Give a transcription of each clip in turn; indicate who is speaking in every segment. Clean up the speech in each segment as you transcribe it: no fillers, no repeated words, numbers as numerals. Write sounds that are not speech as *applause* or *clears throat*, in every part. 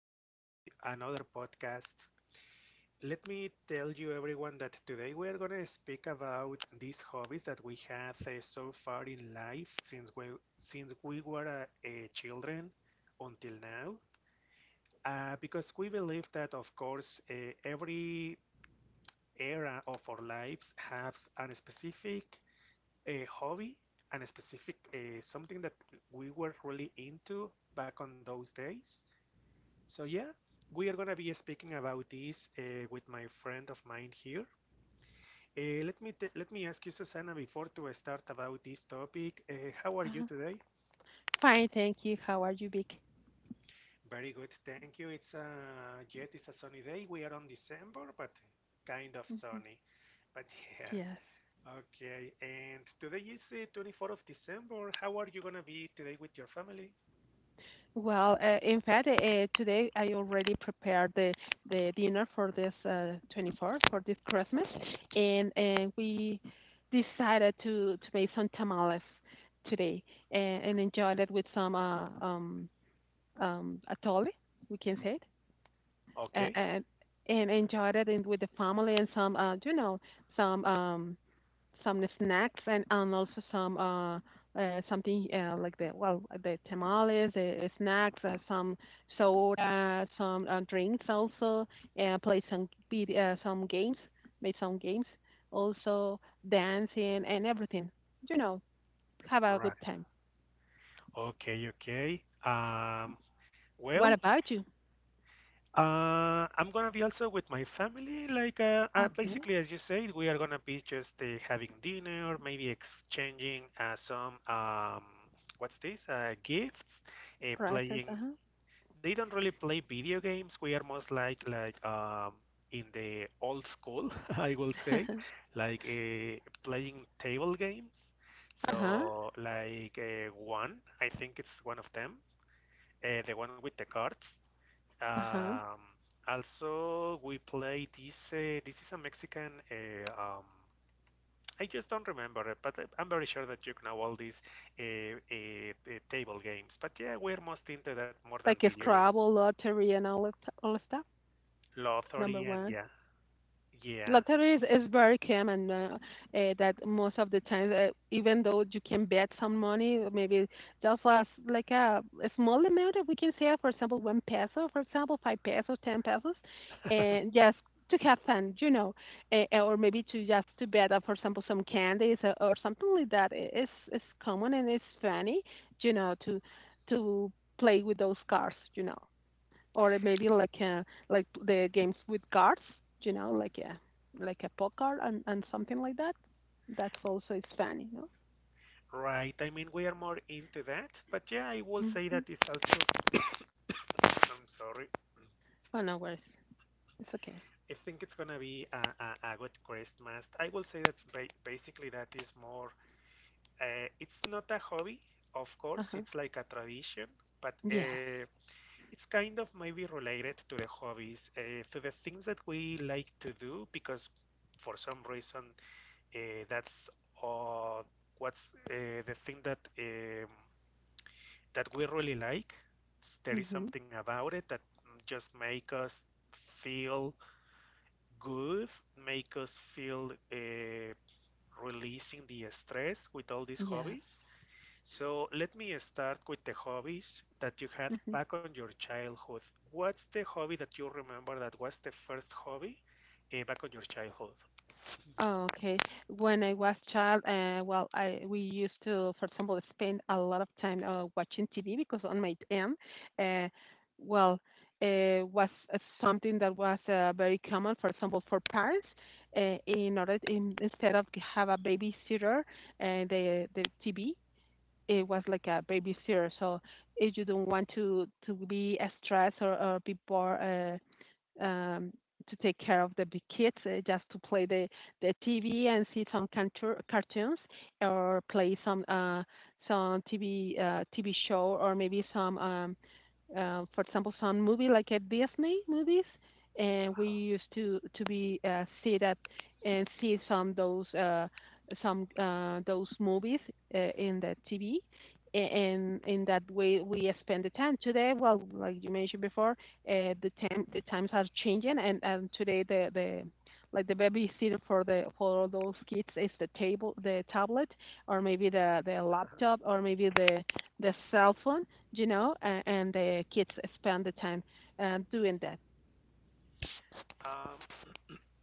Speaker 1: joining this another podcast. Let me tell you, everyone, that today we are going to speak about these hobbies that we had so far in life, since we were children until now, because we believe that, of course, every era of our lives has a specific hobby and a specific something that we were really into back on those days. So yeah, we are gonna be speaking about this with my friend of mine here. Let me ask you, Susana, before to start about this topic. How are you
Speaker 2: Uh-huh.
Speaker 1: today?
Speaker 2: Fine, thank you. How are you, Vic?
Speaker 1: Very good, thank you. It's a yet it's a sunny day. We are on December, but kind of
Speaker 2: Mhm.
Speaker 1: sunny. But *laughs*
Speaker 2: Yes.
Speaker 1: yeah, okay. And today is 24th of December. How are you gonna be today with your family?
Speaker 2: Well, in fact, today I already prepared the dinner for this 24th for this Christmas, and we decided to make some tamales today and enjoyed it with some atole, we can say it, and,
Speaker 1: Okay,
Speaker 2: and, and enjoyed it with the family and some, some um, some snacks and also some something like the, well, the tamales, the snacks, some soda, some drinks also, play some some games, made some games, also dancing and everything. You know, have a good
Speaker 1: right.
Speaker 2: time.
Speaker 1: Okay, okay.
Speaker 2: What
Speaker 1: Well,
Speaker 2: about you?
Speaker 1: I'm gonna be also with my family. Like,
Speaker 2: Okay,
Speaker 1: basically, as you said, we are gonna be just having dinner, maybe exchanging some what's this? Gifts,
Speaker 2: presents.
Speaker 1: playing.
Speaker 2: Uh
Speaker 1: They don't really play video games. We are most like in the old school, *laughs* I will
Speaker 2: huh.
Speaker 1: say,
Speaker 2: *laughs* Uh
Speaker 1: like playing table games.
Speaker 2: huh.
Speaker 1: So, like one, I think it's one of them. The one with the cards.
Speaker 2: Uh huh. *laughs*
Speaker 1: Um, also, we play this. This is a Mexican. I just don't remember it, but eh, I'm very sure that you know all these uh, table games. But yeah, we're most into that more than
Speaker 2: Like a
Speaker 1: video game.
Speaker 2: Scrabble lottery and all that stuff. Number
Speaker 1: Lottery, and
Speaker 2: one.
Speaker 1: yeah, yeah,
Speaker 2: Lottery is very common that most of the times even though you can bet some money, maybe just as like a small amount that we can say, for example, 1 peso, for example, 5 pesos, 10 pesos, and just to have fun. Or maybe to just to bet for example, some candies or something like that. It's it's common and it's funny to to play with those cards or maybe like the games with cards, you know, like a like a poker and something like that. That's also is fun.
Speaker 1: right. I mean, we are more into that. But yeah, I will say
Speaker 2: hmm
Speaker 1: that is also. I'm sorry.
Speaker 2: Oh, no worries, it's okay.
Speaker 1: I think it's gonna be a good Christmas. I will say that ba basically that is more. It's not a hobby, of
Speaker 2: Uh
Speaker 1: course,
Speaker 2: huh.
Speaker 1: it's like a tradition, but
Speaker 2: Yes.
Speaker 1: it's kind of maybe related to the hobbies, to the things that we like to do, because for some reason uh, that's uh, what's the thing that that we really like. There is
Speaker 2: Hmm.
Speaker 1: something about it that just make us feel good, make us feel releasing the stress with all these
Speaker 2: Yes.
Speaker 1: hobbies. So let me start with the hobbies that you had
Speaker 2: Hmm.
Speaker 1: back on your childhood. What's the hobby that you remember that was the first hobby back on your childhood?
Speaker 2: Oh, okay. When I was child, well, I we used to, for example, spend a lot of time watching TV, because on my end, uh, well, was something that was very common. For example, for parents, instead of have a babysitter, and the TV, it was like a babysitter. So if you don't want to be stressed or be bored. Um, to take care of the big kids, just to play the TV and see some cartoons, or play some TV show, or maybe some for example, some movie like at Disney movies, and we used to be sit at and see some those movies in the TV, and in that way we spend the time. Today, well, like you mentioned before, the times are changing, and today the like the babysitter for the for all those kids is the tablet, or maybe the laptop, or maybe the cell phone, and the kids spend the time doing that.
Speaker 1: Uh-huh.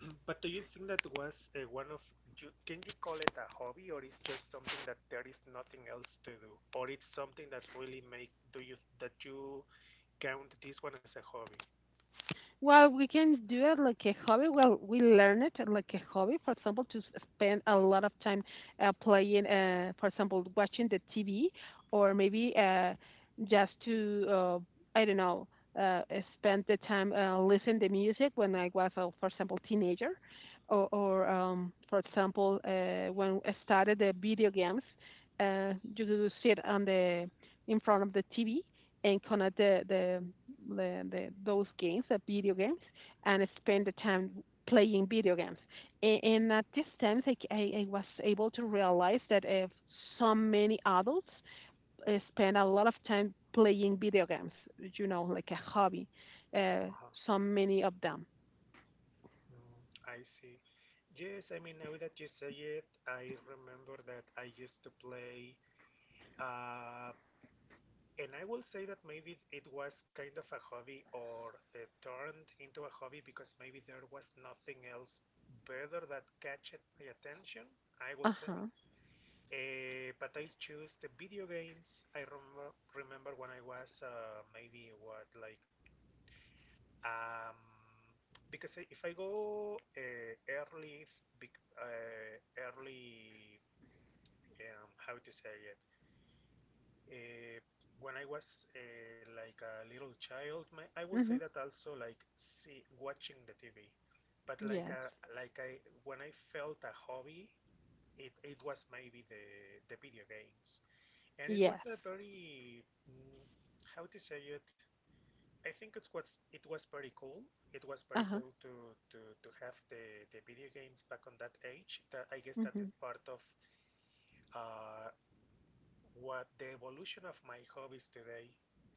Speaker 1: *clears throat* But do you think that was one of you, can you call it a hobby, or is just something that there is nothing else to do, or it's something that really make, do you, that you count this one as a hobby?
Speaker 2: Well, we can do it like a hobby. Well, we learn it like a hobby. For example, to spend a lot of time playing, for example, watching the TV, or maybe just I don't know, spend the time listening to music when I was, for example, teenager, or for example, when I started the video games, you could sit on the in front of the TV and connect those games, the video games, and spend the time playing video games. And at this time, I was able to realize that if so many adults spend a lot of time playing video games, like a hobby, uh,
Speaker 1: Uh-huh.
Speaker 2: so many of them.
Speaker 1: Mm, I see. Yes, I mean, now that you say it, I remember that I used to play. Uh, and I will say that maybe it was kind of a hobby, or turned into a hobby, because maybe there was nothing else better that catched my attention, I will
Speaker 2: Uh
Speaker 1: say.
Speaker 2: huh.
Speaker 1: But I choose the video games. I remember when I was maybe what like um because if I go uh, early, how to say it? Uh, when I was like a little child, I will say
Speaker 2: Hmm.
Speaker 1: that also like see watching the TV, but
Speaker 2: Yes.
Speaker 1: like I, when I felt a hobby, it was maybe the video games, and it
Speaker 2: Yes.
Speaker 1: was a very mm, how to say it. I think it was pretty cool. It was
Speaker 2: Uh
Speaker 1: pretty
Speaker 2: huh.
Speaker 1: cool to to have the video games back on that age. That I guess that
Speaker 2: Hmm.
Speaker 1: is part of uh, what the evolution of my hobbies today.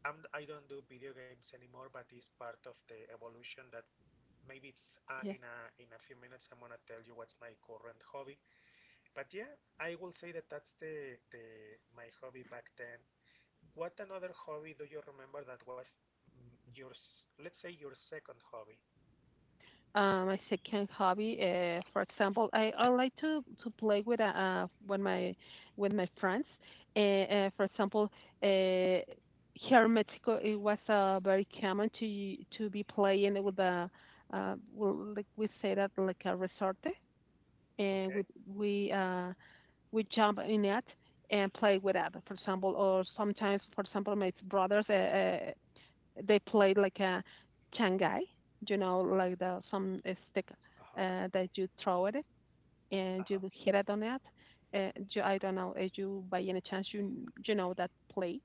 Speaker 1: I don't do video games anymore, but it's part of the evolution that maybe it's
Speaker 2: Yeah.
Speaker 1: in a few minutes I'm gonna tell you what's my current hobby. But yeah, I will say that that's the my hobby back then. What another hobby do you remember that was let's say your second hobby?
Speaker 2: My second hobby, for example, I like to play with my friends. For example, uh, here in Mexico, it was very common to be playing with a, well, like we say, that like a resorte, and
Speaker 1: Okay.
Speaker 2: we jump in it and play with it. For example, or sometimes, for example, my brothers. They played like a changai, like the some stick
Speaker 1: Uh huh.
Speaker 2: that you throw at it
Speaker 1: Uh
Speaker 2: and you
Speaker 1: huh.
Speaker 2: will hit it on it. I don't know, if you by any chance you know that play?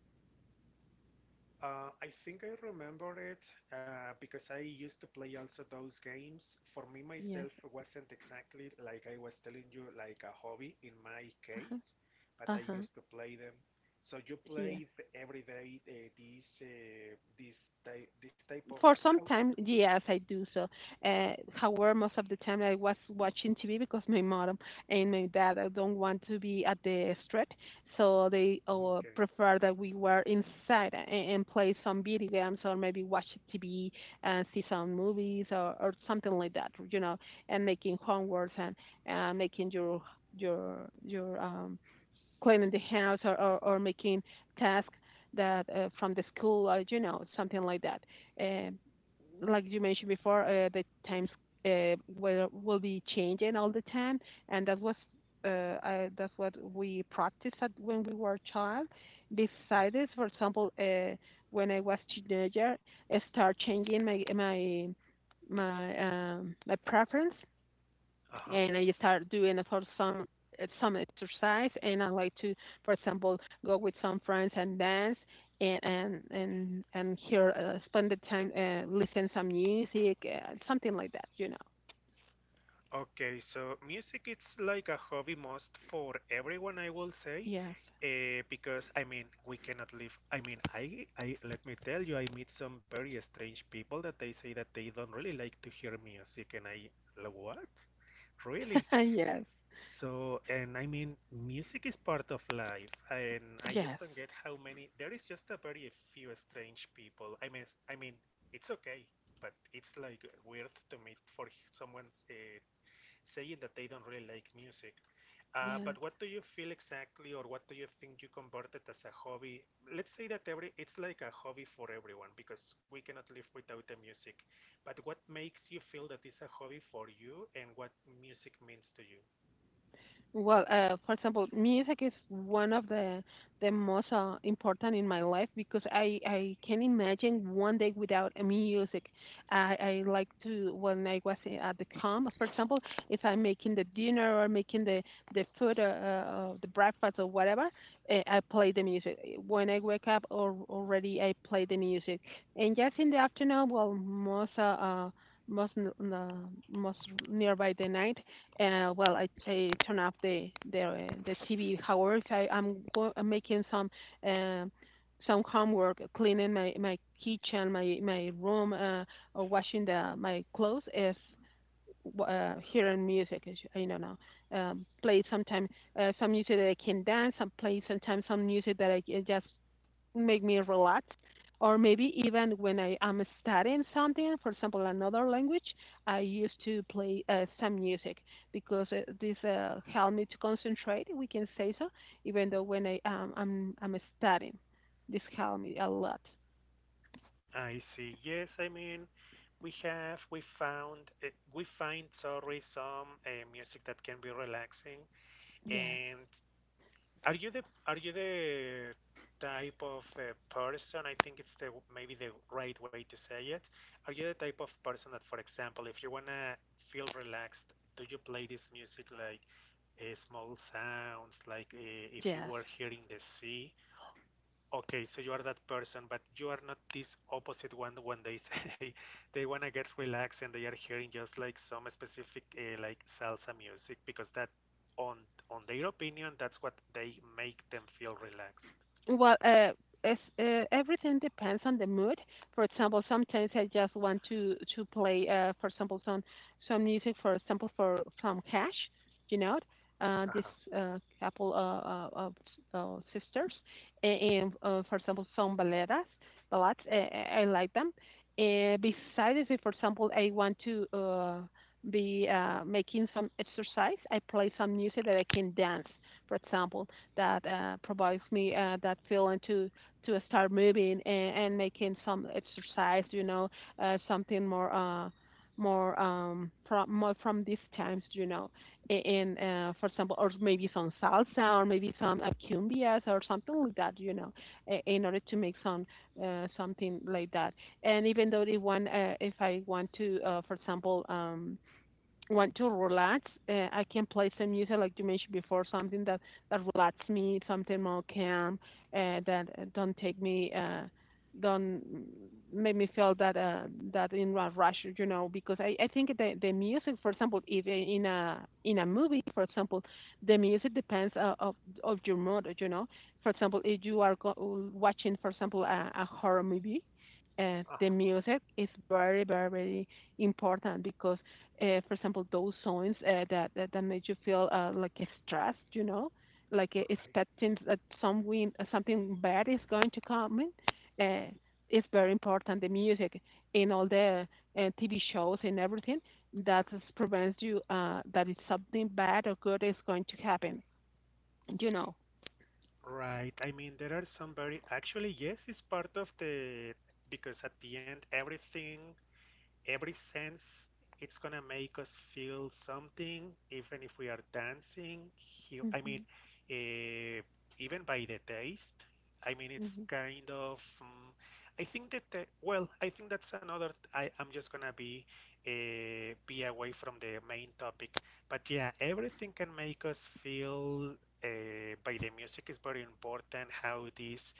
Speaker 1: I think I remember it because I used to play also those games. For me,
Speaker 2: Yes.
Speaker 1: myself wasn't exactly like I was telling you, like a hobby in my
Speaker 2: Uh huh.
Speaker 1: case, but
Speaker 2: Uh
Speaker 1: I
Speaker 2: huh.
Speaker 1: used to play them. So you played
Speaker 2: Yes.
Speaker 1: every day this this type of
Speaker 2: For some
Speaker 1: how?
Speaker 2: time, yes, I do so. However, most of the time I was watching TV, because my mom and my dad don't want to be at the street, so they
Speaker 1: *laughs* Okay.
Speaker 2: prefer that we were inside and play some video games, or maybe watch TV and see some movies, or something like that, and making homeworks and making your cleaning the house, or making tasks that from the school, or something like that. Um like you mentioned before, the times will be changing all the time, and that was that's what we practiced at when we were a child. Besides, this, for example, when I was teenager, I start changing my preference,
Speaker 1: Uh-huh.
Speaker 2: and I start doing for some some exercise, and I like to, for example, go with some friends and dance and hear spend the time listen some music, something like that.
Speaker 1: Okay, so music it's like a hobby must for everyone, I will say,
Speaker 2: Yes.
Speaker 1: because I mean we cannot live. I mean, I let me tell you, I meet some very strange people that they say that they don't really like to hear music, and I like, what? Really?
Speaker 2: *laughs* Yes.
Speaker 1: So, and I mean, music is part of life, and I just
Speaker 2: Yes.
Speaker 1: don't get how many. There is just a very few strange people. I mean, it's okay, but it's like weird to meet for someone uh, saying that they don't really like music. Uh,
Speaker 2: Yes.
Speaker 1: but what do you feel exactly, or what do you think you converted as a hobby? Let's say that every it's like a hobby for everyone because we cannot live without the music. But what makes you feel that it's a hobby for you, and what music means to you?
Speaker 2: Well, for example, music is one of the most important in my life, because I can imagine one day without a music. I like to when I was at the camp, for example, if I'm making the dinner or making the food, the breakfast or whatever, I play the music. When I wake up, or already I play the music, and just in the afternoon, well, most nearby the night, well, I turn off the TV. However, if I'm making um, some homework, cleaning my kitchen, my room, or washing the my clothes, is hearing music. Is, I don't know. Play sometimes some music that I can dance. Some play sometimes some music that I can just make me relax, or maybe even when I am studying something, for example, another language, I used to play some music, because this helped me to concentrate. We can say so, even
Speaker 1: Mhm.
Speaker 2: though when I am I'm studying, this helped me a lot.
Speaker 1: I see. Yes, I mean, we have we found we find, sorry, some music that can be relaxing,
Speaker 2: Yes,
Speaker 1: and are you the type of person? I think it's the, maybe the right way to say it. Are you the type of person that, for example, if you wanna feel relaxed, do you play this music like small sounds, like if you
Speaker 2: yes.
Speaker 1: were hearing the sea? Okay, so you are that person, but you are not this opposite one when they say *laughs* they want to get relaxed and they are hearing just like some specific like salsa music, because that on on their opinion that's what they make them feel relaxed.
Speaker 2: Well, everything depends on the mood. For example, sometimes I just want to play, for example, some music, for example, for from Cash, you know, this,
Speaker 1: Uh-huh.
Speaker 2: couple of sisters, and, for example, some baladas, ballads. I like them. And besides, if for example, I want to be making some exercise, I play some music that I can dance, for example, that provides me that feeling to start moving and making some exercise. Something more, more from more from these times. A- in for example, or maybe some salsa, or maybe some cumbias, or something like that. In order to make some, something like that. And even though if want if I want to, for example, want to relax, I can play some music like you mentioned before, something that relaxes me, something more calm, that don't take me, don't, make me feel that, that in a rush. Because I think the music, for example, if, in a movie, for example, the music depends of your mood. For example, if you are watching, for example, a horror movie.
Speaker 1: uh
Speaker 2: The music is very, very, very important, because for example, those signs, that that made you feel, like, stressed, like
Speaker 1: Right.
Speaker 2: expecting that some wind, something bad is going to come in. It's very important, the music, in all the, TV shows and everything, that prevents you, that it's something bad or good is going to happen. You know.
Speaker 1: Right. I mean, there are some very, actually yes, it's part of the, because at the end everything, every sense, it's gonna make us feel something, even if we are dancing, he, I mean,
Speaker 2: Mhm.
Speaker 1: uh, even by the taste, I mean it's
Speaker 2: Mhm.
Speaker 1: kind of I think that well, I think that's another. I'm just gonna be away from the main topic, but yeah, everything can make us feel, by the music is very important, how this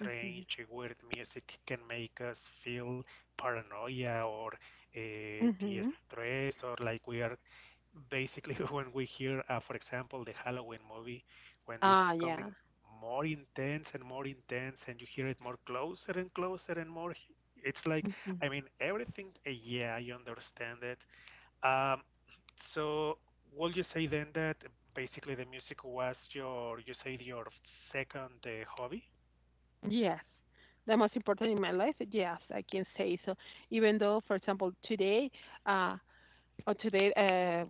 Speaker 2: Mhm.
Speaker 1: weird music can make us feel paranoia or
Speaker 2: Mhm.
Speaker 1: de-stress, or like we are basically *laughs* when we hear, for example, the Halloween movie, when it's
Speaker 2: Ah, yeah.
Speaker 1: coming more intense, and you hear it more closer and closer and more. It's like, I mean, everything, yeah, I understand it. Um, so, would you say then that basically the music was you said your second hobby?
Speaker 2: Yes. The most important in my life, yes, I can say so. Even though, for example, today, uh, or today, uh,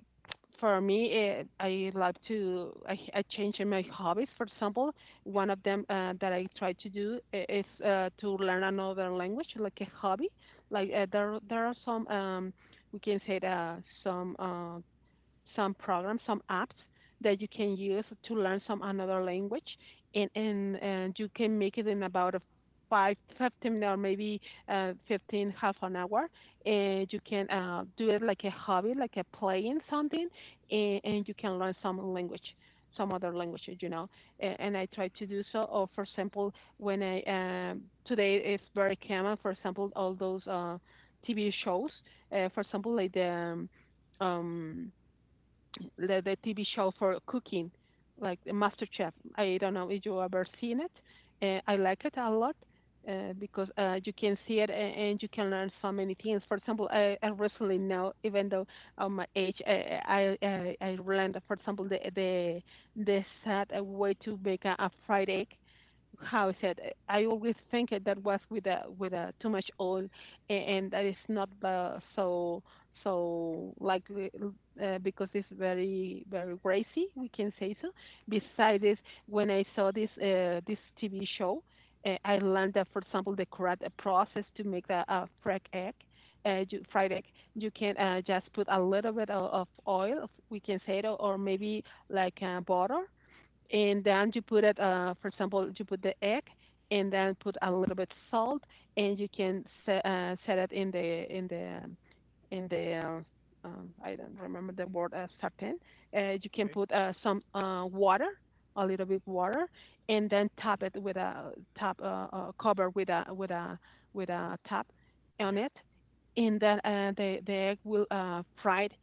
Speaker 2: for me, I like to, I change my hobbies. For example, one of them that I try to do is to learn another language, like a hobby. There are some, we can say, that some uh, some programs, some apps that you can use to learn some another language, and you can make it in about a five, 15, or maybe 15, half an hour, and you can do it like a hobby, like a playing something, and you can learn some language, some other languages, you know. And I try to do so. Or for example, when I today it's very common. For example, all those TV shows, for example, like um, the TV show for cooking, like the MasterChef. I don't know if you ever seen it. I like it a lot because you can see it and you can learn so many things. For example, I recently now, even though of my age, I learned, for example, the sad way to make a fried egg how I said, I always think that that was with a too much oil, and that is not so so likely because it's very very greasy. We can say so. Besides this, when I saw this TV show, I learned that, for example, the correct process to make a fried egg. Fried egg, you can just put a little bit of oil, we can say it, or maybe like butter, and then you put it for example you put the egg and then put a little bit salt and you can set it in the in the I don't remember the word sartén. You can
Speaker 1: Okay.
Speaker 2: put some water, a little bit water, and then top it with a top cover with a with a
Speaker 1: Mhm.
Speaker 2: top on
Speaker 1: Yeah.
Speaker 2: it, and then the egg will fried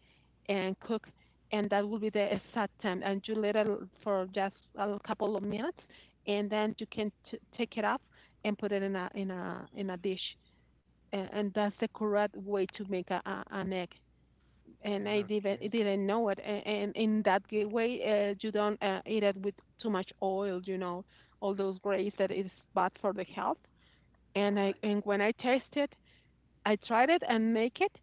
Speaker 2: and cook and that will be the exact time. And you let it for just a couple of minutes, and then you can take it off and put it in a in a dish. And that's the correct way to make a, an egg.
Speaker 1: *laughs*
Speaker 2: And I
Speaker 1: Okay.
Speaker 2: didn't know it. And in that way, you don't eat it with too much oil. You know, all those grays that is bad for the health. And I
Speaker 1: Right.
Speaker 2: and when I tasted, I tried it and make it,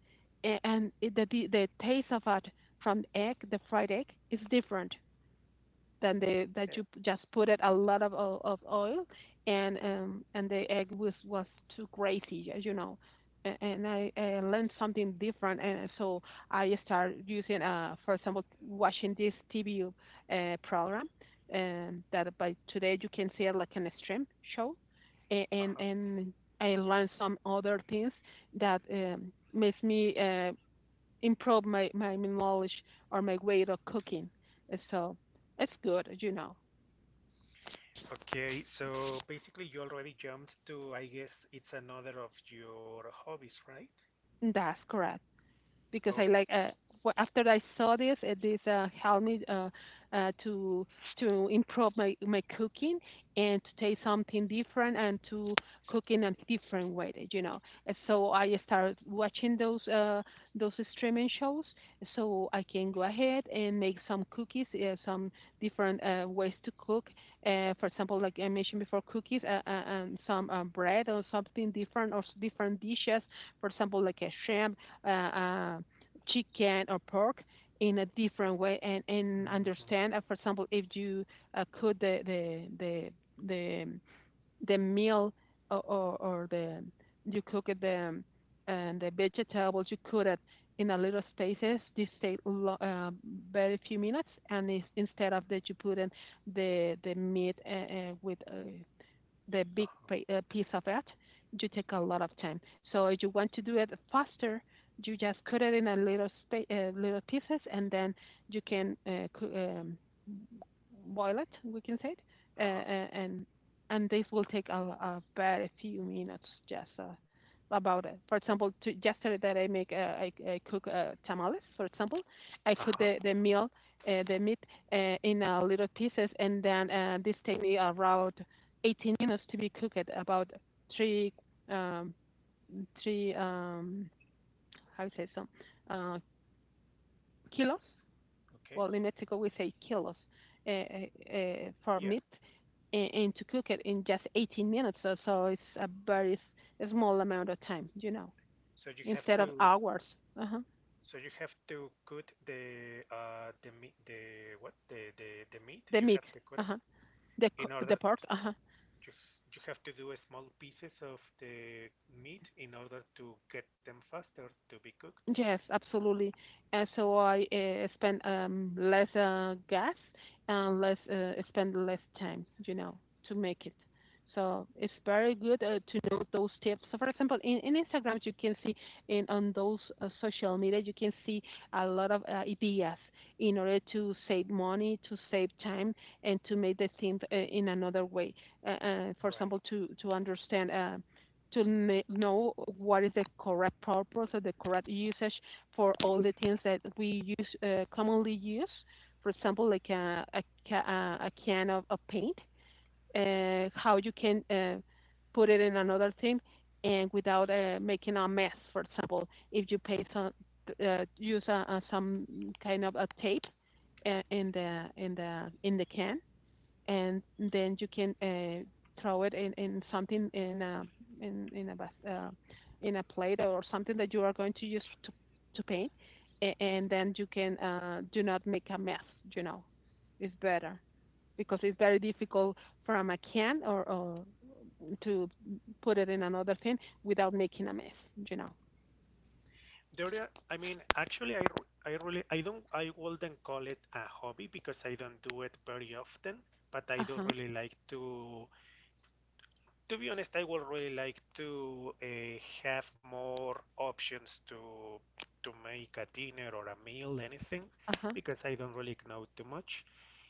Speaker 2: and it, the taste of it from egg, the fried egg, is different. Than the
Speaker 1: Uh,
Speaker 2: that you just put it a lot of of oil, and the egg was too crazy, as you know. And I learned something different, and so I started using, for example, watching this TV program that by today you can see it like an stream show, A- and
Speaker 1: uh-huh.
Speaker 2: and I learned some other things that makes me improve my knowledge or my way of cooking. So it's good, you know.
Speaker 1: Okay, so basically you already jumped to, I guess it's another of your hobbies, right?
Speaker 2: That's correct. Because I
Speaker 1: Okay.
Speaker 2: like after I saw this helped me uh, to to improve my my cooking and to taste something different and to cook in a different way, you know. And so I started watching those streaming shows, so I can go ahead and make some cookies, some different ways to cook. For example, like I mentioned before, cookies and some bread or something different or different dishes. For example, like a shrimp uh, uh, chicken or pork in a different way and
Speaker 1: Hmm.
Speaker 2: understand. For example, if you cook the the meal or the you cook the and the vegetables you cook it in a little stasis. This take uh, very few minutes, and it's, instead of that you put in the meat with the big
Speaker 1: Uh-huh.
Speaker 2: piece of it, you take a lot of time. So if you want to do it faster, you just cut it in a little little pieces, and then you can um, boil it. We can say it, uh,
Speaker 1: Uh-huh.
Speaker 2: uh, and and this will take a very few minutes just about it. For example, to, yesterday that I make I cook tamales. For example, I cook
Speaker 1: Uh-huh.
Speaker 2: the meal the meat in little pieces, and then this take me around 18 minutes to be cooked about three um, three how to say some uh, kilos.
Speaker 1: Okay.
Speaker 2: Well, in Mexico we say kilos uh, for
Speaker 1: Yeah.
Speaker 2: meat, and to cook it in just 18 minutes. So, so it's a very small amount of time, you know,
Speaker 1: So you have
Speaker 2: instead of
Speaker 1: to,
Speaker 2: hours. Uh-huh.
Speaker 1: so you have to cut the meat, the what? The meat.
Speaker 2: The
Speaker 1: You
Speaker 2: meat,
Speaker 1: have to cut it
Speaker 2: uh-huh. the
Speaker 1: in order
Speaker 2: the
Speaker 1: to,
Speaker 2: pork. Uh-huh.
Speaker 1: you you have to do a small pieces of the meat in order to get them faster to be cooked.
Speaker 2: Yes, absolutely. And so I spend less gas and less spend less time, you know, to make it. So it's very good to know those tips. So for example, in Instagram, you can see in on those social media, you can see a lot of ideas in order to save money, to save time, and to make the thing in another way. For
Speaker 1: Right.
Speaker 2: example, to understand. To know what is the correct purpose or the correct usage for all the things that we use commonly use. For example, like a can of paint, how you can put it in another thing and without making a mess. For example, if you pay some use some kind of a tape in the in the can and then you can throw it in something in a in a uh, in a plate or something that you are going to use to paint and then you can do not make a mess, you know, it's better because it's very difficult from a can or to put it in another thing without making a mess, you know.
Speaker 1: There are, I mean, actually, I really, I don't, I wouldn't call it a hobby because I don't do it very often, but I do
Speaker 2: Uh-huh.
Speaker 1: really like to be honest, I would really like to have more options to make a dinner or a meal, anything,
Speaker 2: Uh-huh.
Speaker 1: because I don't really know too much.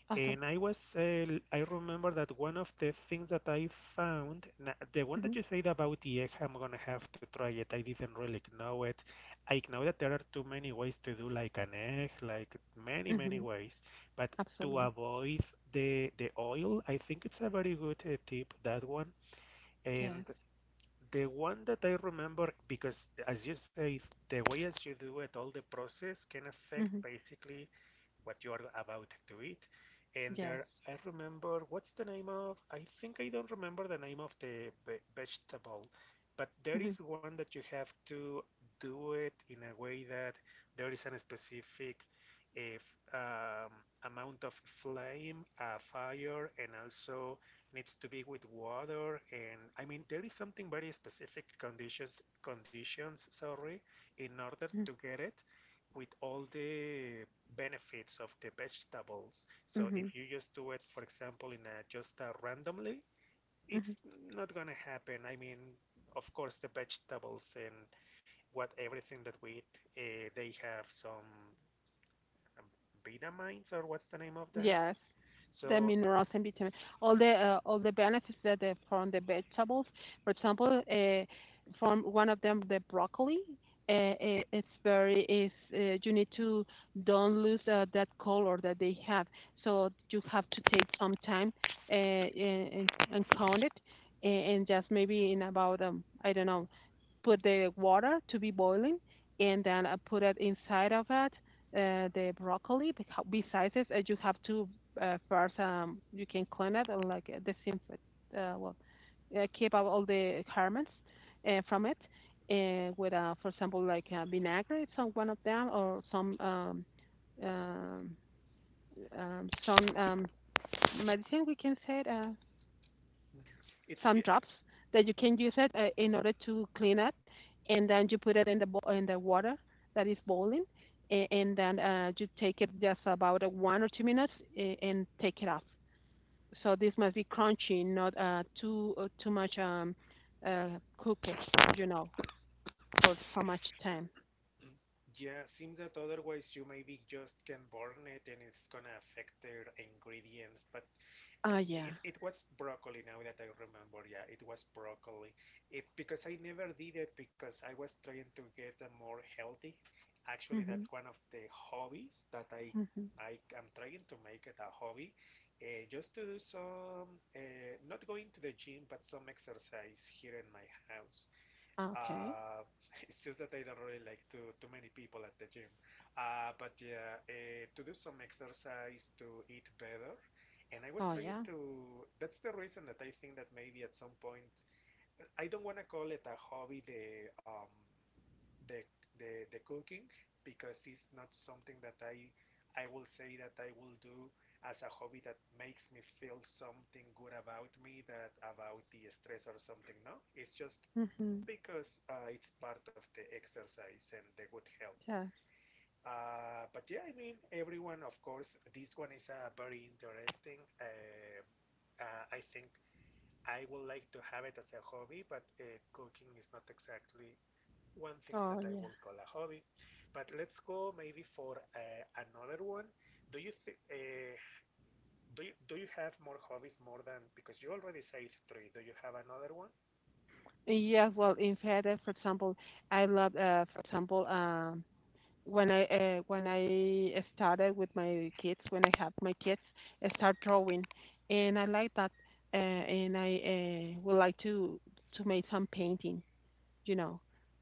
Speaker 2: Uh-huh.
Speaker 1: And I remember that one of the things that I found, the one
Speaker 2: Hmm.
Speaker 1: that you said about the egg, I'm gonna have to try it. I didn't really know it. I know that there are too many ways to do like an egg, like many, many
Speaker 2: Hmm.
Speaker 1: ways. But to
Speaker 2: Absolutely.
Speaker 1: avoid the oil, I think it's a very good tip, that one. And
Speaker 2: Yes.
Speaker 1: the one that I remember, because as you say, the way as you do it, all the process can affect
Speaker 2: Hmm.
Speaker 1: basically what you are about to eat. And
Speaker 2: Yes.
Speaker 1: there, I remember, what's the name of? I think I don't remember the name of the vegetable, but there
Speaker 2: Hmm.
Speaker 1: is one that you have to do it in a way that there is a specific if, um, amount of flame, fire, and also needs to be with water. And I mean There is something very specific conditions, sorry, in order to get it with all the benefits of the vegetables. So
Speaker 2: Hmm.
Speaker 1: if you just do it, for example, in a just a randomly,
Speaker 2: Hmm.
Speaker 1: it's not gonna happen. I mean, of course the vegetables and what everything that we eat they have some um, vitamins or what's the name of that
Speaker 2: Yes, the
Speaker 1: so
Speaker 2: minerals and vitamin, all the benefits that they from the vegetables. For example, from one of them, the broccoli. Uh, it's very is you need to don't lose that color that they have. So you have to take some time and count it, a- and just maybe in about I don't know put the water to be boiling, and then I put it inside of it the broccoli. Because besides this, you have to first you can clean it and like disinfect. Uh, well, keep out all the harmons from it. And with, for example, like vinaigrette, it's on one of them, or um, some medicine we can say it,
Speaker 1: it,
Speaker 2: some drops that you can use it in order to clean up, and then you put it in the water that is boiling, and then you take it just about 1 or 2 minutes and take it off. So this must be crunchy, not too too much uh, cooked, you know, for so much time.
Speaker 1: Yeah, seems that otherwise you maybe just can burn it and it's gonna affect their ingredients. But I-
Speaker 2: Ah, yeah.
Speaker 1: it, it was broccoli now that I remember. Yeah, it was broccoli. It, because I never did it because I was trying to get a more healthy. Actually,
Speaker 2: Mhm.
Speaker 1: that's one of the hobbies that I
Speaker 2: Mhm.
Speaker 1: I am trying to make it a hobby, just to do some not going to the gym, but some exercise here in my house.
Speaker 2: Okay.
Speaker 1: Uh, *laughs* it's just that I don't really like too many people at the gym. But yeah, to do some exercise to eat better, and I was
Speaker 2: Oh,
Speaker 1: trying
Speaker 2: yeah.
Speaker 1: to. That's the reason that I think that maybe at some point I don't want to call it a hobby, the the cooking, because it's not something that I will say that I will do as a hobby that makes me feel something good about me, that about the stress or something. No, it's just
Speaker 2: Mhm.
Speaker 1: because it's part of the exercise and the good health.
Speaker 2: Yes.
Speaker 1: But yeah, I mean, everyone, of course, this one is very interesting. I think I would like to have it as a hobby, but cooking is not exactly one thing that
Speaker 2: Oh,
Speaker 1: I
Speaker 2: yeah.
Speaker 1: would call a hobby. But let's go maybe for another one. Do you think do you have more hobbies more than because you already said three? Do you have another one?
Speaker 2: Yes. Well, in fact, for example, I love, for example, when I started with my kids, when I had my kids, I start drawing, and I like that, and I would like to make some painting, you know,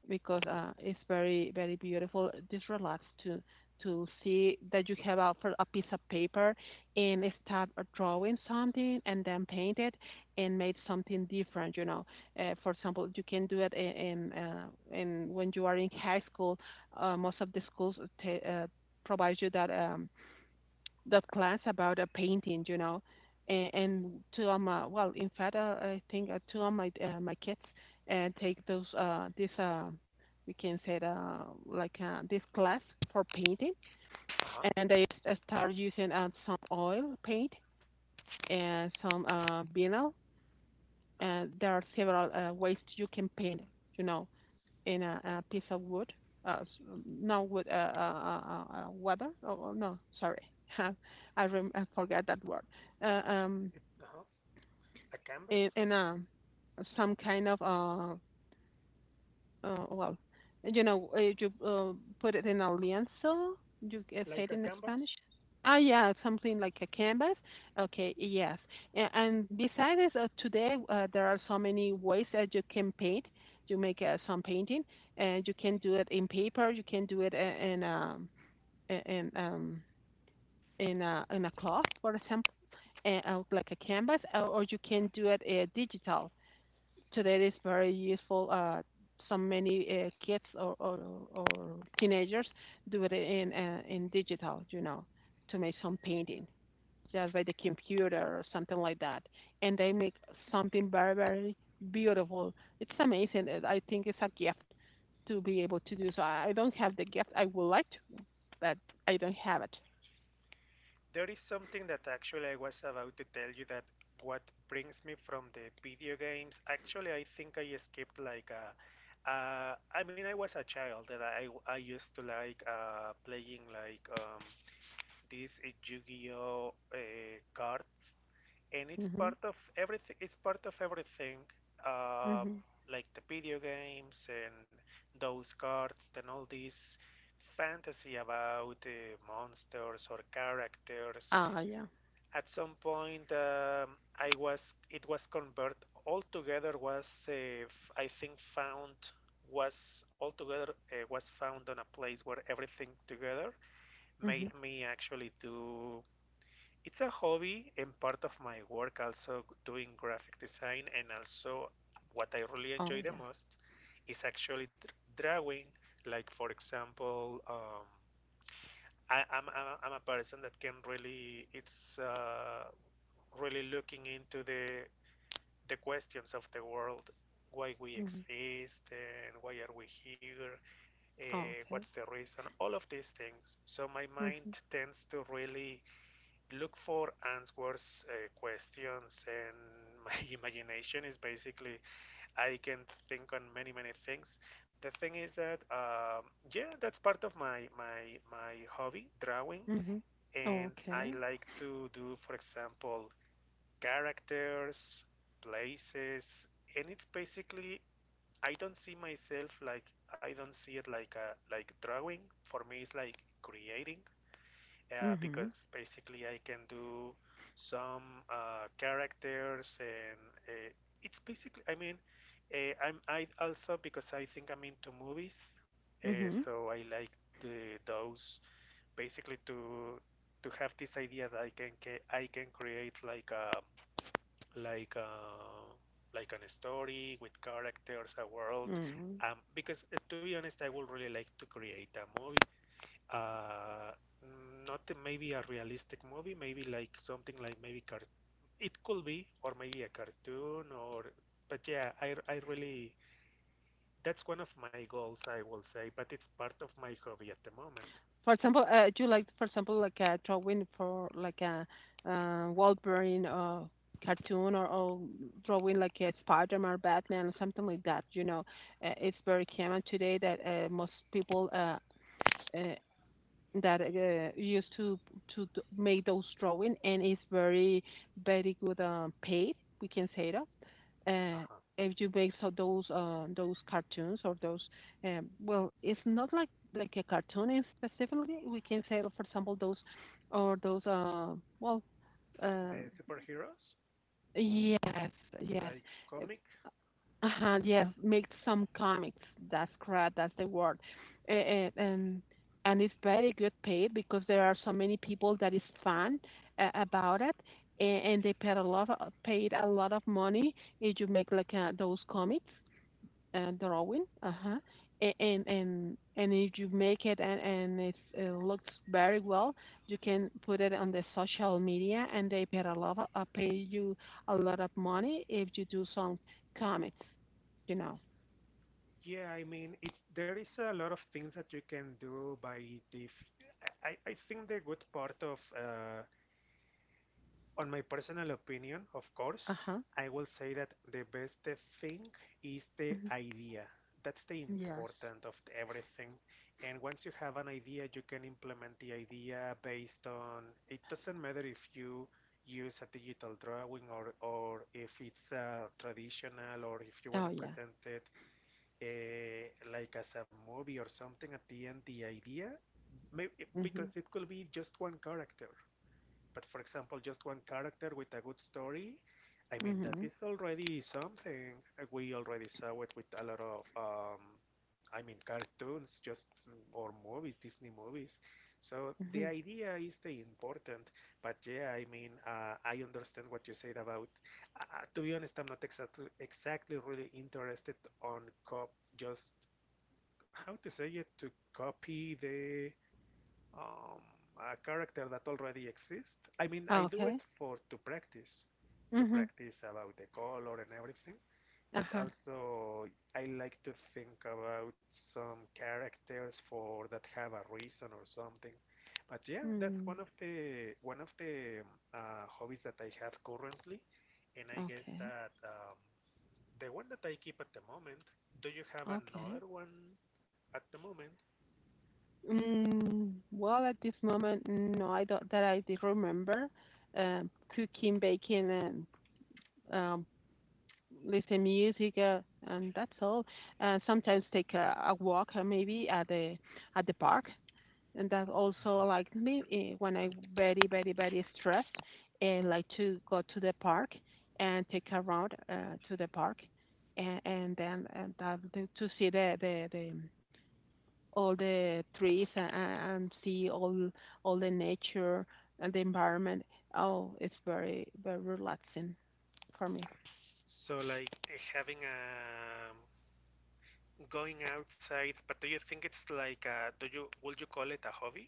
Speaker 2: because
Speaker 1: Mhm.
Speaker 2: it's very, very beautiful. Just relax to see that you have out for a piece of paper and start drawing something and then paint it and make something different. You know, for example, you can do it in when you are in high school. Most of the schools provide you that. That class about a painting, you know, and two of my well, in fact, I think two of my kids take those this we can say it, like this class for painting,
Speaker 1: Uh huh.
Speaker 2: and they start using some oil paint and some vinyl,
Speaker 1: Uh huh.
Speaker 2: and there are several ways you can paint, you know, in a piece of wood, uh, s- no wood, weather. Oh, oh, no, sorry, *laughs* I, I forgot that word. Uh, um,
Speaker 1: Uh huh. A canvas?
Speaker 2: in a, some kind of uh, well, you know, you put it in a lienzo. You say
Speaker 1: Like
Speaker 2: it
Speaker 1: a
Speaker 2: in Spanish.
Speaker 1: canvas.
Speaker 2: Ah, yeah, something like a canvas. Okay, yes. And besides today, there are so many ways that you can paint. You make some painting, and you can do it in paper. You can do it I- in a cloth, for example, and, like a canvas, or you can do it digital today is very useful. So many kids or teenagers do it in digital, you know, to make some painting just by the computer or something like that, and they make something very very beautiful. It's amazing. And I think it's a gift to be able to do so. I don't have the gift. I would like to, but I don't have it.
Speaker 1: There is something that actually I was about to tell you that what brings me from the video games. Actually, I think I skipped like a. I mean, I was a child and I used to like playing like these Yu-Gi-Oh cards, and it's
Speaker 2: Mhm.
Speaker 1: part of everything. It's part of everything, uh,
Speaker 2: Mhm.
Speaker 1: like the video games and those cards and all these fantasy about monsters or characters.
Speaker 2: Ah, yeah.
Speaker 1: At some point, I was it was converted altogether I think found was altogether was found on a place where everything together
Speaker 2: Mhm.
Speaker 1: made me actually do it's a hobby and part of my work, also doing graphic design, and also what I really
Speaker 2: Oh,
Speaker 1: enjoy the
Speaker 2: yeah.
Speaker 1: most is actually drawing. Like for example, I, I'm a person that can really it's really looking into the questions of the world, why we
Speaker 2: Mhm.
Speaker 1: exist and why are we here,
Speaker 2: Oh,
Speaker 1: what's
Speaker 2: okay.
Speaker 1: the reason, all of these things. So my mind
Speaker 2: Mhm.
Speaker 1: tends to really look for answers, questions, and my *laughs* imagination is basically I can think on many many things. The thing is that yeah, that's part of my hobby, drawing,
Speaker 2: Mhm.
Speaker 1: and I
Speaker 2: Okay.
Speaker 1: like to do, for example, characters, places, and it's basically I don't see myself like I don't see it like a like drawing. For me, it's like creating
Speaker 2: Mhm.
Speaker 1: because basically I can do some characters and uh, it's basically I mean I'm I also because I think I'm into movies,
Speaker 2: Mhm.
Speaker 1: so I like the, those, basically to have this idea that I can I can create like a like a like an story with characters, a world,
Speaker 2: Mm.
Speaker 1: because to be honest I would really like to create a movie, uh, not maybe a realistic movie, maybe like something like maybe cart. It could be, or maybe a cartoon, or but yeah, I really, that's one of my goals, I will say, but it's part of my hobby at the moment.
Speaker 2: For example, do you like, for example, like a drawing for like a Wolverine or cartoon, or drawing like a Spider-Man, Batman, or something like that? You know, it's very common today that most people uh, that used to make those drawing, and it's very very good paid. We can say that uh,
Speaker 1: Uh-huh.
Speaker 2: if you base on those cartoons or those, well, it's not like like a cartoon in specifically, we can say, for example, those or those well uh,
Speaker 1: The superheroes,
Speaker 2: yes, yes,
Speaker 1: like comic.
Speaker 2: uh-huh, yes, make some comics. That's correct. That's the word. And and, and it's very good paid because there are so many people that is fan about it, and they paid a lot of, paid a lot of money if you make like those comics drawing. Uh-huh. And if you make it and it's, it looks very well, you can put it on the social media, and they pay a lot of, pay you a lot of money if you do some comics. You know.
Speaker 1: Yeah, I mean, it there is a lot of things that you can do by the. I think the good part of on my personal opinion, of course,
Speaker 2: Uh-huh.
Speaker 1: I will say that the best thing is the
Speaker 2: Hmm.
Speaker 1: idea. That's the
Speaker 2: Yes.
Speaker 1: important of everything. And once you have an idea, you can implement the idea based on it. Doesn't matter if you use a digital drawing, or if it's traditional, or if you want
Speaker 2: Oh
Speaker 1: to
Speaker 2: yeah.
Speaker 1: present it like as a movie or something. At the end, the idea, maybe,
Speaker 2: Mhm.
Speaker 1: because it could be just one character, but for example, just one character with a good story, I mean, that
Speaker 2: Mhm.
Speaker 1: is already something. We already saw it with a lot of, I mean, cartoons, just or movies, Disney movies. So the
Speaker 2: Mhm.
Speaker 1: idea is the important. But yeah, I mean, I understand what you said about. To be honest, I'm not exactly really interested on cop. Just how to say it, to copy the um, a character that already exists. I mean, I do it
Speaker 2: Okay.
Speaker 1: for to
Speaker 2: Mhm.
Speaker 1: practice about the color and everything, but
Speaker 2: Uh-huh.
Speaker 1: also I like to think about some characters for that have a reason or something. But yeah, that's
Speaker 2: Mm.
Speaker 1: one of the hobbies that I have currently, and I guess
Speaker 2: Okay.
Speaker 1: that the one that I keep at the moment. Do you have
Speaker 2: Okay.
Speaker 1: another one at the moment?
Speaker 2: Mm, well, at this moment, no, I don't that I did remember. Cooking, baking, and, um, listen music, and that's all. And sometimes take a walk, maybe at the park, and that also like me eh, when I very very very stressed, and like to go to the park and take a round to the park, and then and that, to see the all the trees, and see all the nature and the environment. Oh, it's very very relaxing for me.
Speaker 1: So like eh, having a going outside, but do you think it's like a, do you would you call it a hobby?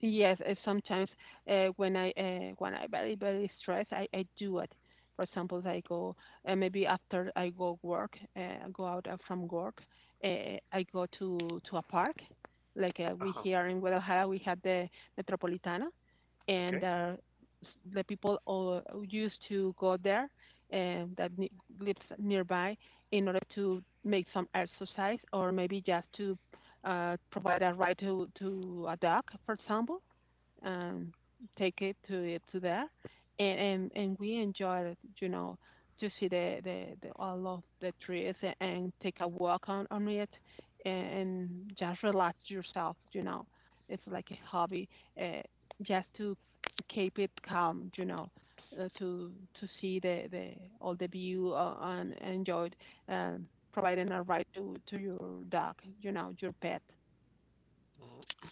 Speaker 2: Yes, sometimes when I very very stressed, I do it. For example, I go maybe after I go work, go out from work, I go to a park. Like we
Speaker 1: Uh-huh.
Speaker 2: here in Guadalajara, we have the Metropolitana, and
Speaker 1: Okay.
Speaker 2: s- the people all used to go there and that ne- lives nearby in order to make some exercise or maybe just to provide a ride to a dog, for example, um, take it to it to there, and we enjoy it, you know, to see the all of the trees, and take a walk on it, and, and just relax yourself, you know. It's like a hobby, uh, just to keep it calm, you know. Uh, to to see the all the view and enjoy it, um, providing a ride to your dog, you know, your pet.
Speaker 1: Mm,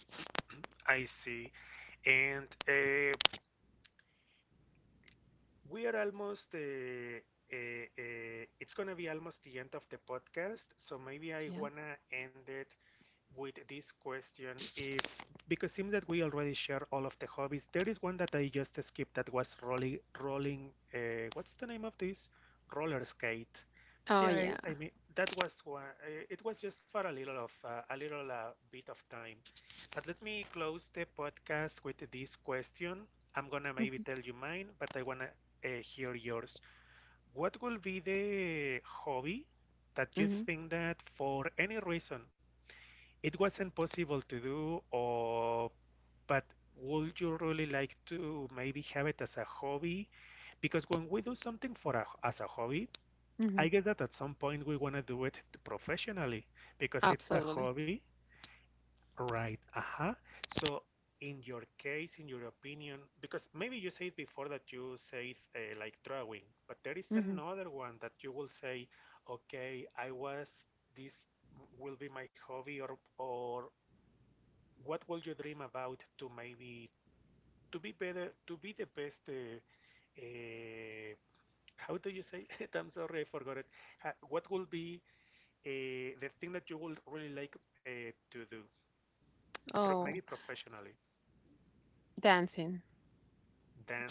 Speaker 1: I see. And we are almost. Uh, it's gonna be almost the end of the podcast, so maybe I
Speaker 2: Yeah.
Speaker 1: wanna end it with this question. If, because seems that we already share all of the hobbies, there is one that I just skipped, that was rolling. Rolling. What's the name of this? Roller skate. But
Speaker 2: Oh
Speaker 1: yeah,
Speaker 2: yeah.
Speaker 1: I mean that was one. It was just for a little of a little bit of time. But let me close the podcast with this question. I'm gonna maybe
Speaker 2: Mhm.
Speaker 1: tell you mine, but I wanna hear yours. What will be the hobby that you
Speaker 2: Mhm.
Speaker 1: think that for any reason it wasn't possible to do, or but would you really like to maybe have it as a hobby? Because when we do something for a, as a hobby, I
Speaker 2: Mhm.
Speaker 1: guess that at some point we want to do it professionally because it's a
Speaker 2: Absolutely.
Speaker 1: hobby. Right. Uh-huh. So, in your case, in your opinion, because maybe you said before that you said like drawing, but there is
Speaker 2: Hmm.
Speaker 1: another one that you will say, okay, I was, this will be my hobby, or what will you dream about to maybe to be better, to be the best. Uh, how do you say? *laughs* I'm sorry, I forgot it. Ha, what will be the thing that you will really like to do, pro maybe
Speaker 2: Oh,
Speaker 1: professionally?
Speaker 2: dancing.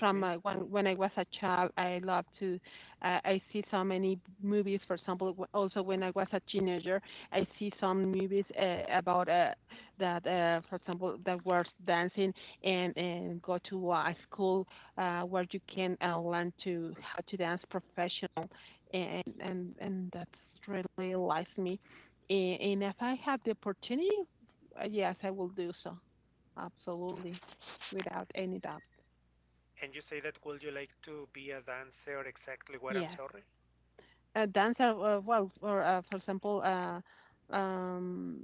Speaker 2: From when I was a child, I loved to. I see so many movies. For example, w- also when I was a teenager, I see some movies about that. For example, that were dancing and go to a school where you can learn to how to dance professional, and that's really lies me. And if I have the opportunity, yes, I will do so. Absolutely. Without any doubt.
Speaker 1: And you say that would you like to be a dancer? Exactly what I'm
Speaker 2: Yes.
Speaker 1: sorry.
Speaker 2: A dancer, well, for example, uh um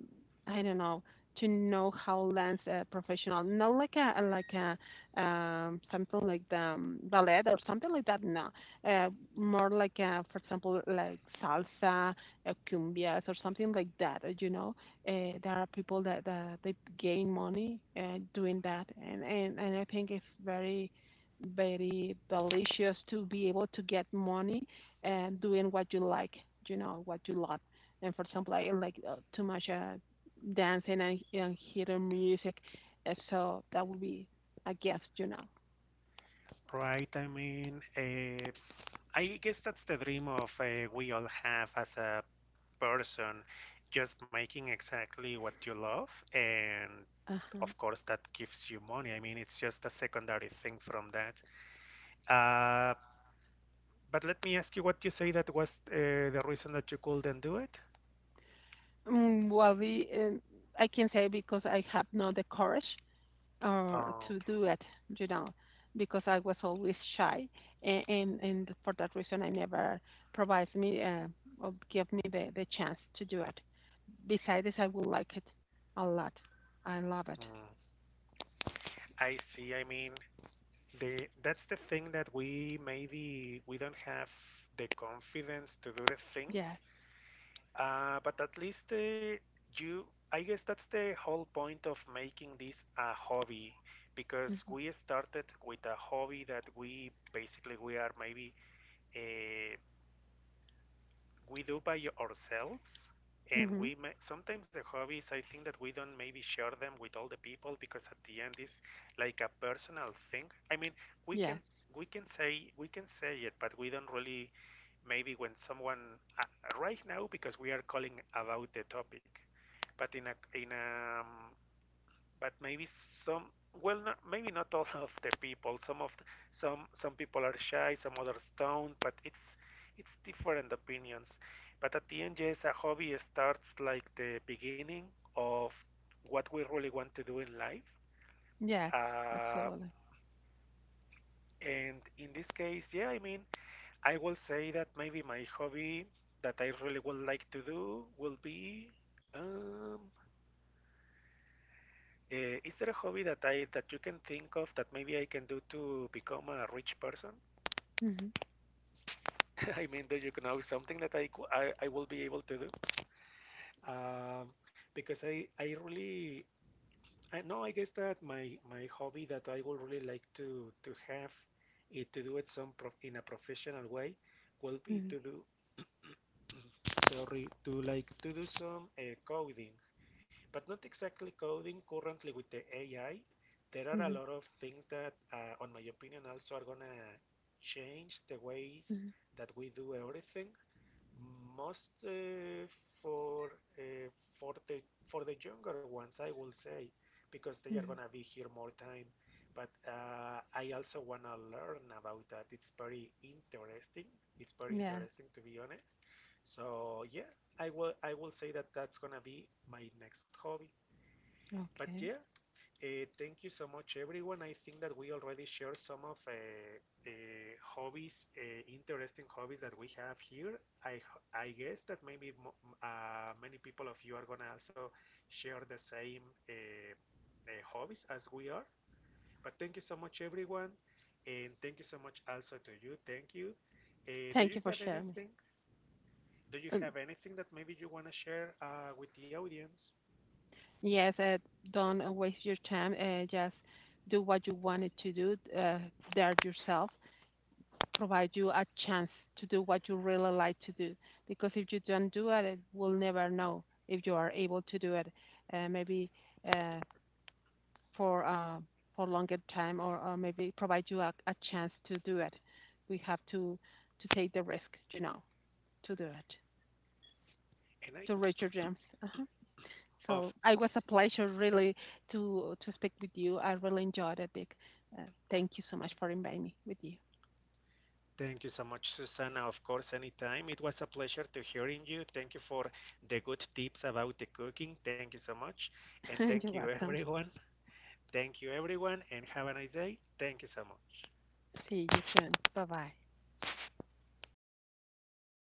Speaker 2: I don't know, to know how lance a professional, not like a like a something like the ballet or something like that, no uh more like a, for example, like salsa, cumbias or something like that, you know. There are people that, that they gain money doing that, and I think it's very very delicious to be able to get money and doing what you like, you know, what you love. And for example, I like too much dancing and hearing music, so that would be a gift, you know.
Speaker 1: Right. I mean, I guess that's the dream of we all have as a person, just making exactly what you love, and
Speaker 2: Uh-huh.
Speaker 1: of course that gives you money. I mean, it's just a secondary thing from that. Uh, but let me ask you, what you say that was the reason that you couldn't do it?
Speaker 2: Mm, well, we I can say because I have not the courage or
Speaker 1: Oh,
Speaker 2: to
Speaker 1: okay.
Speaker 2: do it, you know, because I was always shy, and for that reason, I never provides me or give me the chance to do it. Besides, I would like it a lot. I love it.
Speaker 1: Mm. I see. I mean, the, that's the thing that we maybe we don't have the confidence to do the things.
Speaker 2: Yes.
Speaker 1: But at least you, I guess that's the whole point of making this a hobby, because
Speaker 2: Mhm.
Speaker 1: we started with a hobby that we basically we are maybe uh, we do by ourselves, and
Speaker 2: Mhm.
Speaker 1: we may, sometimes the hobbies I think that we don't maybe share them with all the people because at the end it's like a personal thing. I mean, we can
Speaker 2: Yes.
Speaker 1: we can say it, but we don't really maybe when someone right now because we are calling about the topic, but in a but maybe some, well, not, maybe not all of the people, some of the, some people are shy, some others don't, but it's different opinions. But at the end, yes, a hobby starts like the beginning of what we really want to do in life,
Speaker 2: Yes.
Speaker 1: uh,
Speaker 2: Absolutely.
Speaker 1: and in this case yeah I mean I will say that maybe my hobby that I really would like to do will be, um, uh, is there a hobby that I that you can think of that maybe I can do to become a rich person?
Speaker 2: Mhm.
Speaker 1: *laughs* I mean, do you know something that I, I will be able to do? Um, because I really, I know I guess that my hobby that I would really like to have it to do it some prof in a professional way will be
Speaker 2: Mhm.
Speaker 1: to do, sorry, to like to do some coding. But not exactly coding currently with the AI. There are a
Speaker 2: Mhm.
Speaker 1: lot of things that, on my opinion, also are gonna change the ways
Speaker 2: Mhm.
Speaker 1: that we do everything. Most for uh, for the younger ones, I will say, because they are
Speaker 2: Mhm.
Speaker 1: gonna be here more time. But I also wanna learn about that. It's very interesting. It's very
Speaker 2: Yes.
Speaker 1: interesting to be honest. So yeah, I will say that that's gonna be my next hobby. But
Speaker 2: Okay.
Speaker 1: yeah, thank you so much, everyone. I think that we already shared some of hobbies, interesting hobbies that we have here. I guess that maybe many people of you are gonna also share the same hobbies as we are. But thank you so much, everyone, and thank you so much also to you. Thank you. Do
Speaker 2: Thank
Speaker 1: you
Speaker 2: you for
Speaker 1: have
Speaker 2: sharing. Me.
Speaker 1: anything? Do you
Speaker 2: Um,
Speaker 1: have anything that maybe you wanna share with the audience?
Speaker 2: yes. Don't waste your time. Just do what you wanted to do. There yourself. Provide you a chance to do what you really like to do. Because if you don't do it, it will never know if you are able to do it. Maybe. Uh, for uh, for longer time, or maybe provide you a chance to do it. We have to take the risk, you know, to do it
Speaker 1: And I,
Speaker 2: to reach your dreams. Uh-huh. So
Speaker 1: of
Speaker 2: it was a pleasure really to speak with you. I really enjoyed it, Dick. Uh, thank you so much for inviting me with you.
Speaker 1: Thank you so much, Susana. Of course, anytime. It was a pleasure to hearing you. Thank you for the good tips about the cooking. Thank you so much. And
Speaker 2: *laughs*
Speaker 1: thank
Speaker 2: You're
Speaker 1: you, *laughs*
Speaker 2: welcome.
Speaker 1: everyone. Thank you, everyone, and have a nice day. Thank you so much.
Speaker 2: See you soon. Bye bye.